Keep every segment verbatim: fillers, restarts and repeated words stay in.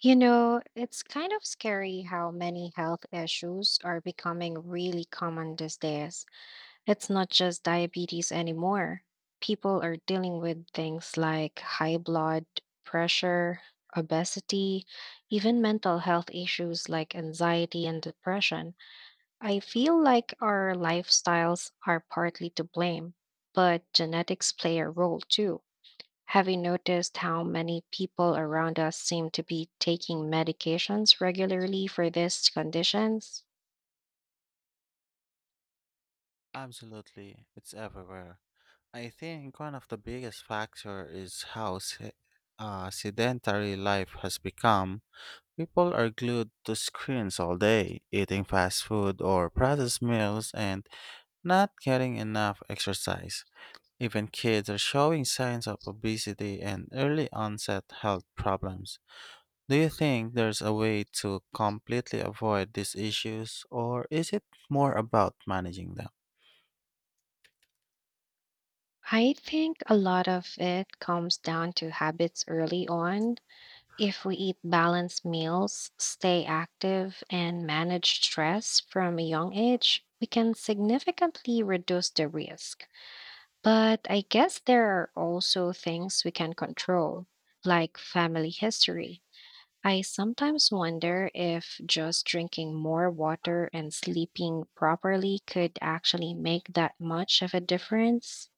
You know, it's kind of scary how many health issues are becoming really common these days. It's not just diabetes anymore. People are dealing with things like high blood pressure, obesity, even mental health issues like anxiety and depression. I feel like our lifestyles are partly to blame, but genetics play a role too. Have you noticed how many people around us seem to be taking medications regularly for these conditions? Absolutely, it's everywhere. I think one of the biggest factor is how se- uh, sedentary life has become. People are glued to screens all day, eating fast food or processed meals and not getting enough exercise. Even kids are showing signs of obesity and early onset health problems. Do you think there's a way to completely avoid these issues, or is it more about managing them? I think a lot of it comes down to habits early on. If we eat balanced meals, stay active, and manage stress from a young age, we can significantly reduce the risk. But I guess there are also things we can control, like family history. I sometimes wonder if just drinking more water and sleeping properly could actually make that much of a difference.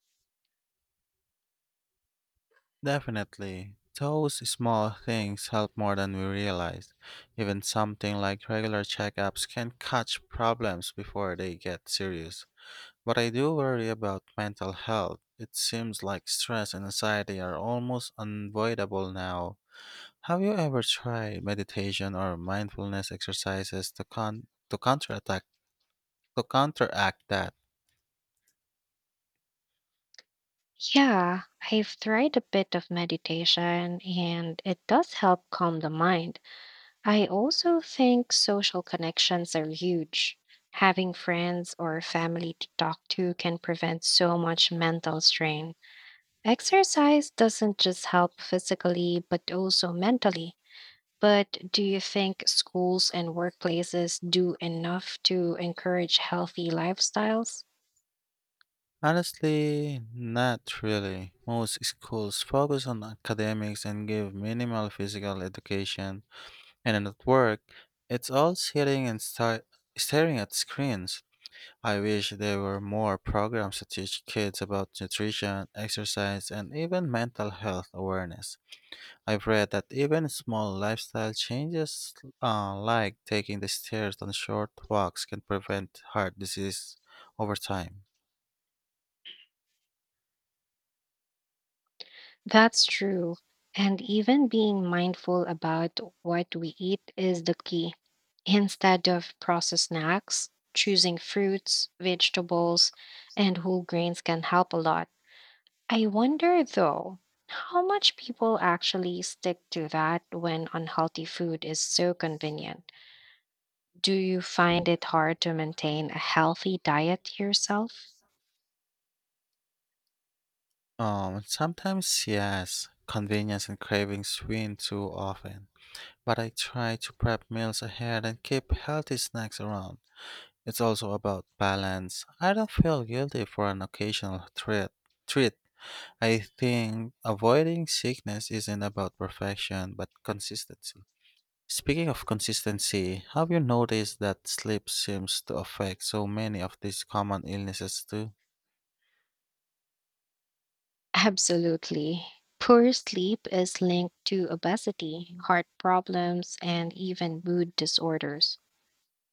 Definitely. Those small things help more than we realize. Even something like regular checkups can catch problems before they get serious. But I do worry about mental health. It seems like stress and anxiety are almost unavoidable now. Have you ever tried meditation or mindfulness exercises to con- to counterattack to counteract that? Yeah, I've tried a bit of meditation and it does help calm the mind. I also think social connections are huge. Having friends or family to talk to can prevent so much mental strain. Exercise doesn't just help physically, but also mentally. But do you think schools and workplaces do enough to encourage healthy lifestyles? Honestly, not really. Most schools focus on academics and give minimal physical education, and at work, it's all sitting and sta- staring at screens. I wish there were more programs to teach kids about nutrition, exercise, and even mental health awareness. I've read that even small lifestyle changes, uh, like taking the stairs on short walks, can prevent heart disease over time. That's true. And even being mindful about what we eat is the key. Instead of processed snacks, choosing fruits, vegetables, and whole grains can help a lot. I wonder though, how much people actually stick to that when unhealthy food is so convenient? Do you find it hard to maintain a healthy diet yourself? Um, sometimes yes, convenience and cravings win too often. But I try to prep meals ahead and keep healthy snacks around. It's also about balance. I don't feel guilty for an occasional treat. Treat. I think avoiding sickness isn't about perfection, but consistency. Speaking of consistency, have you noticed that sleep seems to affect so many of these common illnesses too? Absolutely. Poor sleep is linked to obesity, heart problems, and even mood disorders.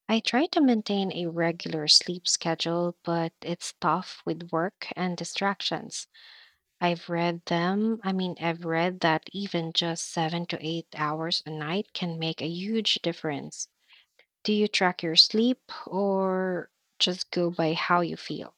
I try to maintain a regular sleep schedule, but it's tough with work and distractions. I've read them, I mean, I've read that even just seven to eight hours a night can make a huge difference. Do you track your sleep or just go by how you feel?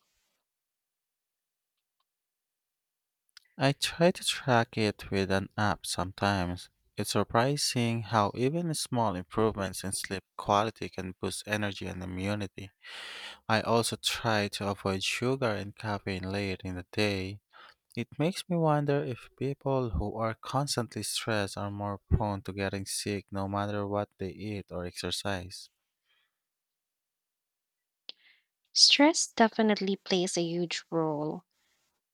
I try to track it with an app sometimes. It's surprising how even small improvements in sleep quality can boost energy and immunity. I also try to avoid sugar and caffeine late in the day. It makes me wonder if people who are constantly stressed are more prone to getting sick no matter what they eat or exercise. Stress definitely plays a huge role.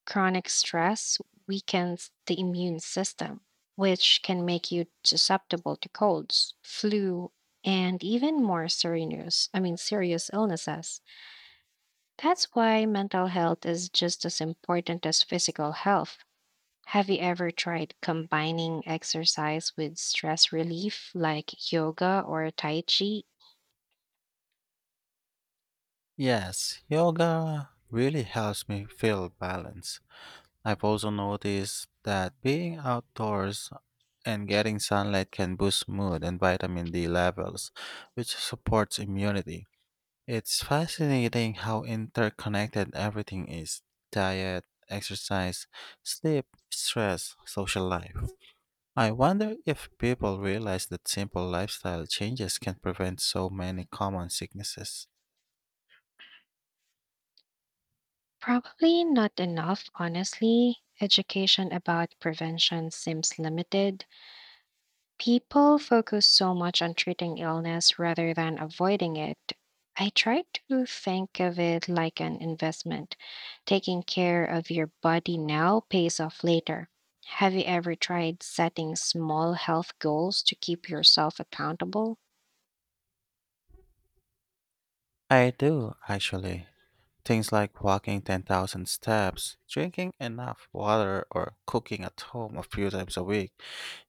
Chronic stress weakens the immune system, which can make you susceptible to colds, flu, and even more serious, I mean serious illnesses. That's why mental health is just as important as physical health. Have you ever tried combining exercise with stress relief like yoga or tai chi? Yes, yoga really helps me feel balanced. I've also noticed that being outdoors and getting sunlight can boost mood and vitamin D levels, which supports immunity. It's fascinating how interconnected everything is: diet, exercise, sleep, stress, social life. I wonder if people realize that simple lifestyle changes can prevent so many common sicknesses. Probably not enough, honestly. Education about prevention seems limited. People focus so much on treating illness rather than avoiding it. I try to think of it like an investment. Taking care of your body now pays off later. Have you ever tried setting small health goals to keep yourself accountable? I do, actually. Things like walking ten thousand steps, drinking enough water, or cooking at home a few times a week.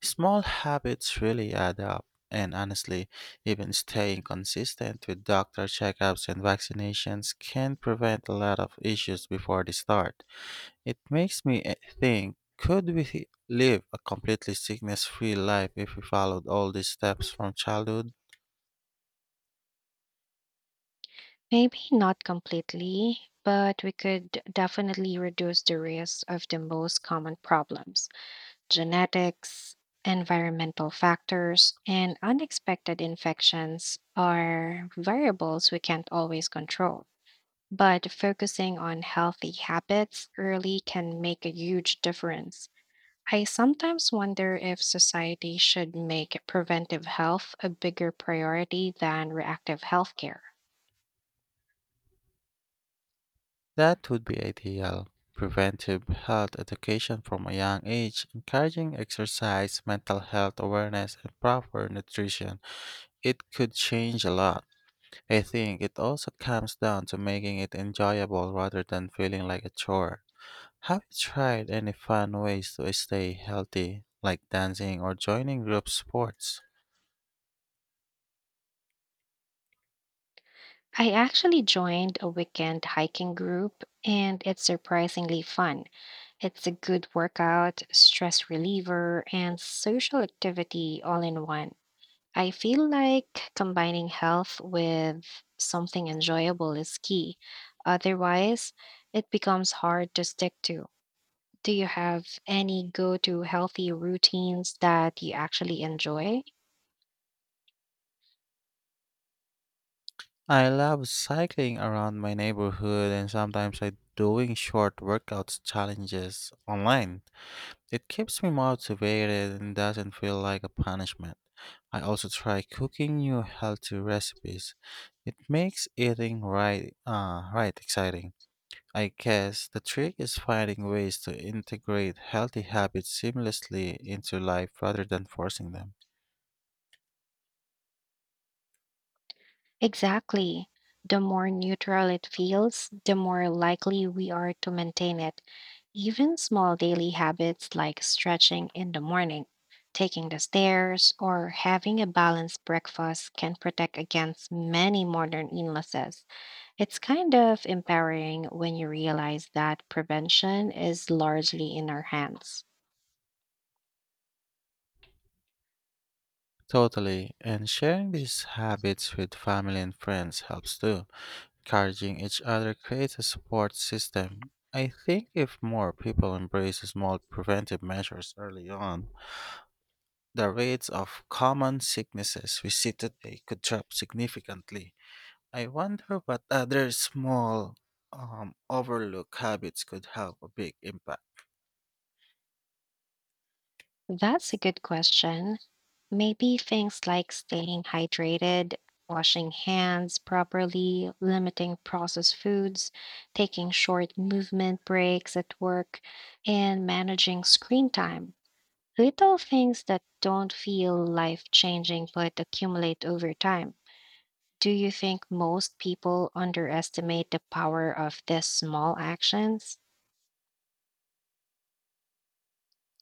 Small habits really add up, and honestly, even staying consistent with doctor checkups and vaccinations can prevent a lot of issues before they start. It makes me eh, think, could we live a completely sickness free life if we followed all these steps from childhood? Maybe not completely, but we could definitely reduce the risk of the most common problems. Genetics, environmental factors, and unexpected infections are variables we can't always control. But focusing on healthy habits early can make a huge difference. I sometimes wonder if society should make preventive health a bigger priority than reactive healthcare. That would be ideal. Preventive health education from a young age, encouraging exercise, mental health awareness, and proper nutrition. It could change a lot. I think it also comes down to making it enjoyable rather than feeling like a chore. Have you tried any fun ways to stay healthy, like dancing or joining group sports? I actually joined a weekend hiking group, and it's surprisingly fun. It's a good workout, stress reliever, and social activity all in one. I feel like combining health with something enjoyable is key. Otherwise, it becomes hard to stick to. Do you have any go to healthy routines that you actually enjoy? I love cycling around my neighborhood and sometimes I doing short workouts challenges online. It keeps me motivated and doesn't feel like a punishment. I also try cooking new healthy recipes. It makes eating right uh, right exciting. I guess the trick is finding ways to integrate healthy habits seamlessly into life rather than forcing them. Exactly. The more neutral it feels, the more likely we are to maintain it. Even small daily habits like stretching in the morning, taking the stairs, or having a balanced breakfast can protect against many modern illnesses. It's kind of empowering when you realize that prevention is largely in our hands. Totally, and sharing these habits with family and friends helps too. Encouraging each other creates a support system. I think if more people embrace small preventive measures early on, the rates of common sicknesses we see today could drop significantly. I wonder what other small, um, overlooked habits could have a big impact. That's a good question. Maybe things like staying hydrated, washing hands properly, limiting processed foods, taking short movement breaks at work, and managing screen time. Little things that don't feel life changing but accumulate over time. Do you think most people underestimate the power of these small actions?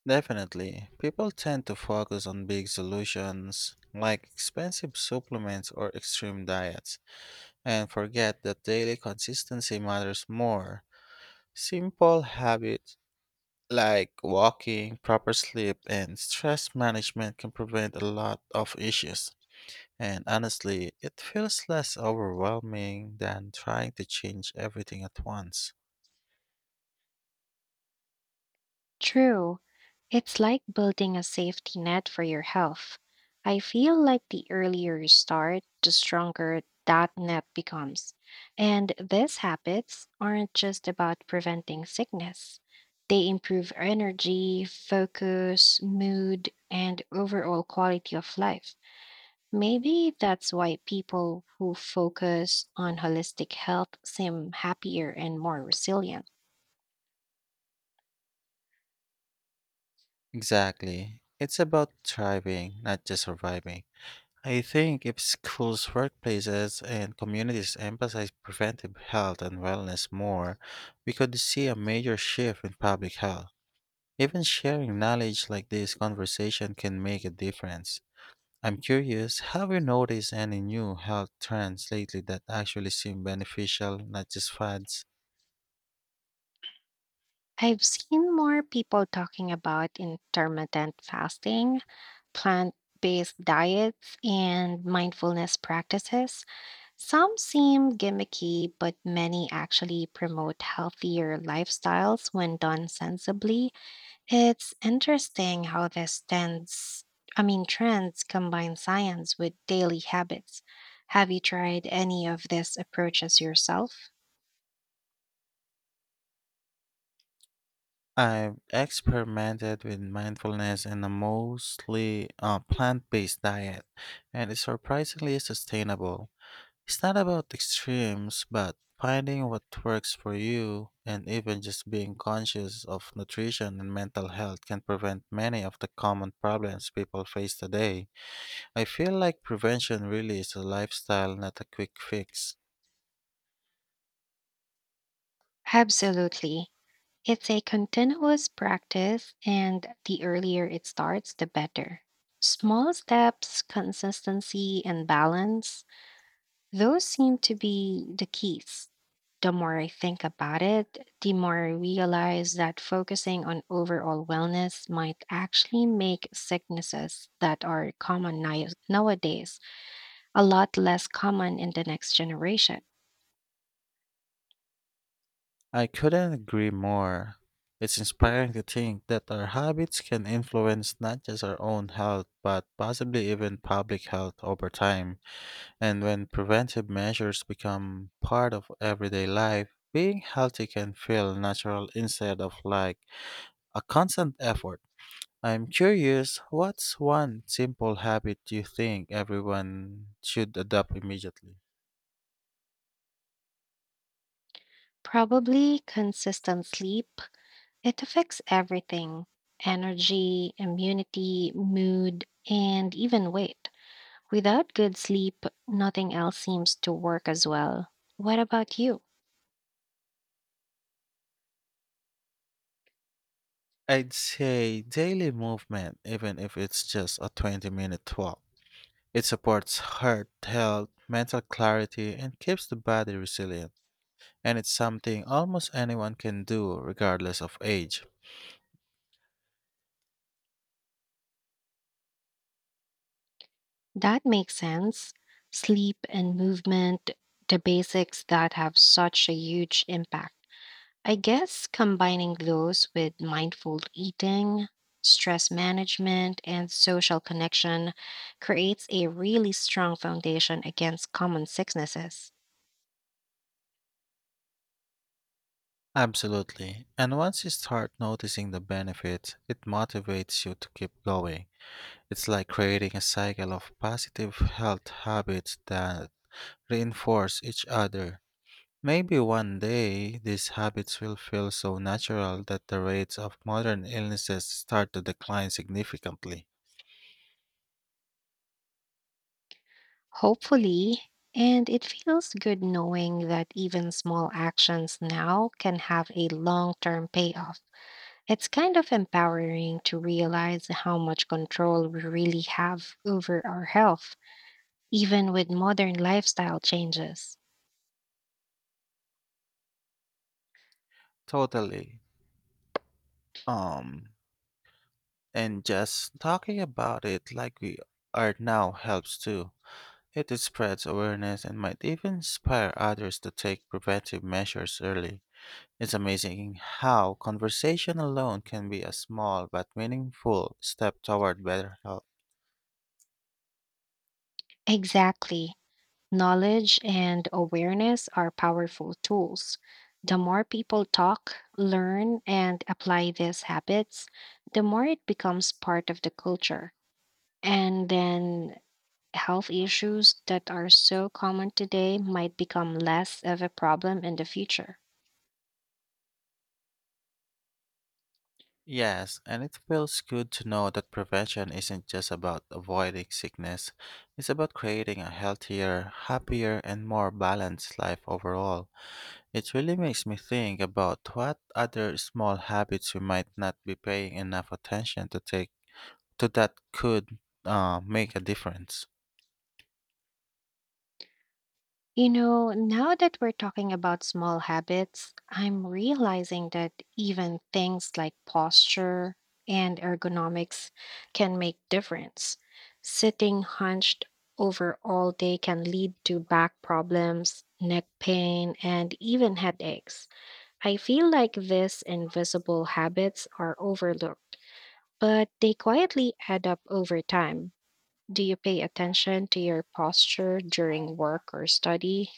Definitely, people tend to focus on big solutions like expensive supplements or extreme diets and forget that daily consistency matters more. Simple habits like walking, proper sleep, and stress management can prevent a lot of issues. And honestly, it feels less overwhelming than trying to change everything at once. True. It's like building a safety net for your health. I feel like the earlier you start, the stronger that net becomes. And these habits aren't just about preventing sickness, they improve energy, focus, mood, and overall quality of life. Maybe that's why people who focus on holistic health seem happier and more resilient. Exactly. It's about thriving, not just surviving. I think if schools, workplaces, and communities emphasize preventive health and wellness more, we could see a major shift in public health. Even sharing knowledge like this conversation can make a difference. I'm curious, have you noticed any new health trends lately that actually seem beneficial, not just fads? I've seen more people talking about intermittent fasting, plant based diets, and mindfulness practices. Some seem gimmicky, but many actually promote healthier lifestyles when done sensibly. It's interesting how this tends, I mean, trends combine science with daily habits. Have you tried any of these approaches yourself? I've experimented with mindfulness and a mostly uh, plant based diet, and it's surprisingly sustainable. It's not about extremes, but finding what works for you, and even just being conscious of nutrition and mental health can prevent many of the common problems people face today. I feel like prevention really is a lifestyle, not a quick fix. Absolutely. It's a continuous practice, and the earlier it starts, the better. Small steps, consistency, and balance, those seem to be the keys. The more I think about it, the more I realize that focusing on overall wellness might actually make sicknesses that are common ni- nowadays a lot less common in the next generation. I couldn't agree more. It's inspiring to think that our habits can influence not just our own health, but possibly even public health over time. And when preventive measures become part of everyday life, being healthy can feel natural instead of like a constant effort. I'm curious, what's one simple habit you think everyone should adopt immediately? Probably consistent sleep. It affects everything: energy, immunity, mood, and even weight. Without good sleep, nothing else seems to work as well. What about you? I'd say daily movement, even if it's just a twenty minute walk. It supports heart health, mental clarity, and keeps the body resilient. And it's something almost anyone can do, regardless of age. That makes sense. Sleep and movement, the basics that have such a huge impact. I guess combining those with mindful eating, stress management, and social connection creates a really strong foundation against common sicknesses. Absolutely. And once you start noticing the benefits, it motivates you to keep going. It's like creating a cycle of positive health habits that reinforce each other. Maybe one day these habits will feel so natural that the rates of modern illnesses start to decline significantly. Hopefully. And it feels good knowing that even small actions now can have a long term payoff. It's kind of empowering to realize how much control we really have over our health, even with modern lifestyle changes. Totally. Um, and just talking about it like we are now helps too. It spreads awareness and might even inspire others to take preventive measures early. It's amazing how conversation alone can be a small but meaningful step toward better health. Exactly. Knowledge and awareness are powerful tools. The more people talk, learn, and apply these habits, the more it becomes part of the culture, and then health issues that are so common today might become less of a problem in the future. Yes, and it feels good to know that prevention isn't just about avoiding sickness, it's about creating a healthier, happier, and more balanced life overall. It really makes me think about what other small habits we might not be paying enough attention to take to that could uh, make a difference. You know, now that we're talking about small habits, I'm realizing that even things like posture and ergonomics can make difference. Sitting hunched over all day can lead to back problems, neck pain, and even headaches. I feel like these invisible habits are overlooked, but they quietly add up over time. Do you pay attention to your posture during work or study?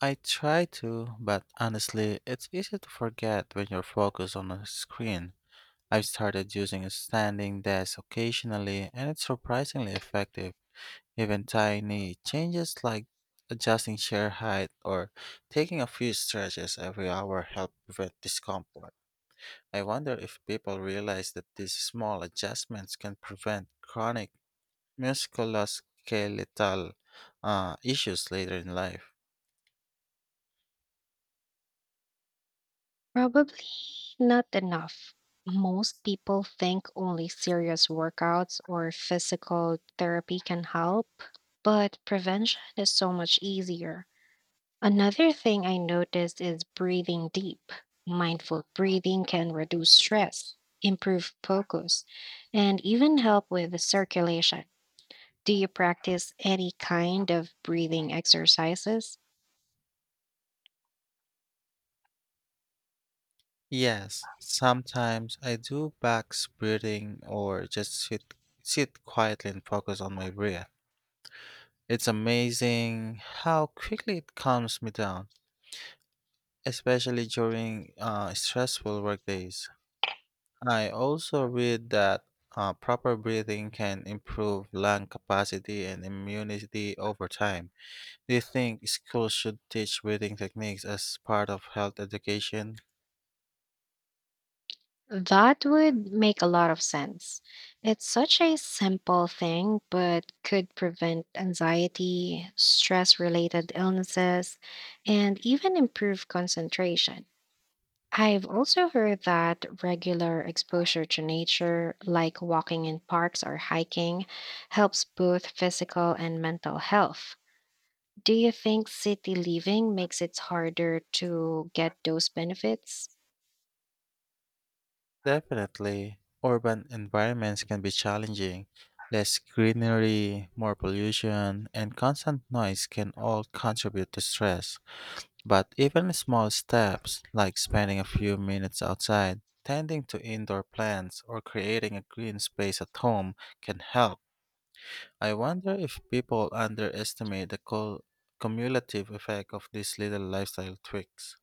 I try to, but honestly, it's easy to forget when you're focused on a screen. I've started using a standing desk occasionally, and it's surprisingly effective. Even tiny changes like adjusting chair height or taking a few stretches every hour help prevent discomfort. I wonder if people realize that these small adjustments can prevent chronic musculoskeletal uh, issues later in life. Probably not enough. Most people think only serious workouts or physical therapy can help, but prevention is so much easier. Another thing I noticed is breathing deep. Mindful breathing can reduce stress, improve focus, and even help with the circulation. Do you practice any kind of breathing exercises? Yes, sometimes I do back breathing or just sit, sit quietly and focus on my breath. It's amazing how quickly it calms me down, especially during uh, stressful work days. I also read that uh, proper breathing can improve lung capacity and immunity over time. Do you think schools should teach breathing techniques as part of health education? That would make a lot of sense. It's such a simple thing, but could prevent anxiety, stress related illnesses, and even improve concentration. I've also heard that regular exposure to nature, like walking in parks or hiking, helps both physical and mental health. Do you think city living makes it harder to get those benefits? Definitely. Urban environments can be challenging. Less greenery, more pollution, and constant noise can all contribute to stress. But even small steps, like spending a few minutes outside, tending to indoor plants, or creating a green space at home, can help. I wonder if people underestimate the cul- cumulative effect of these little lifestyle tweaks.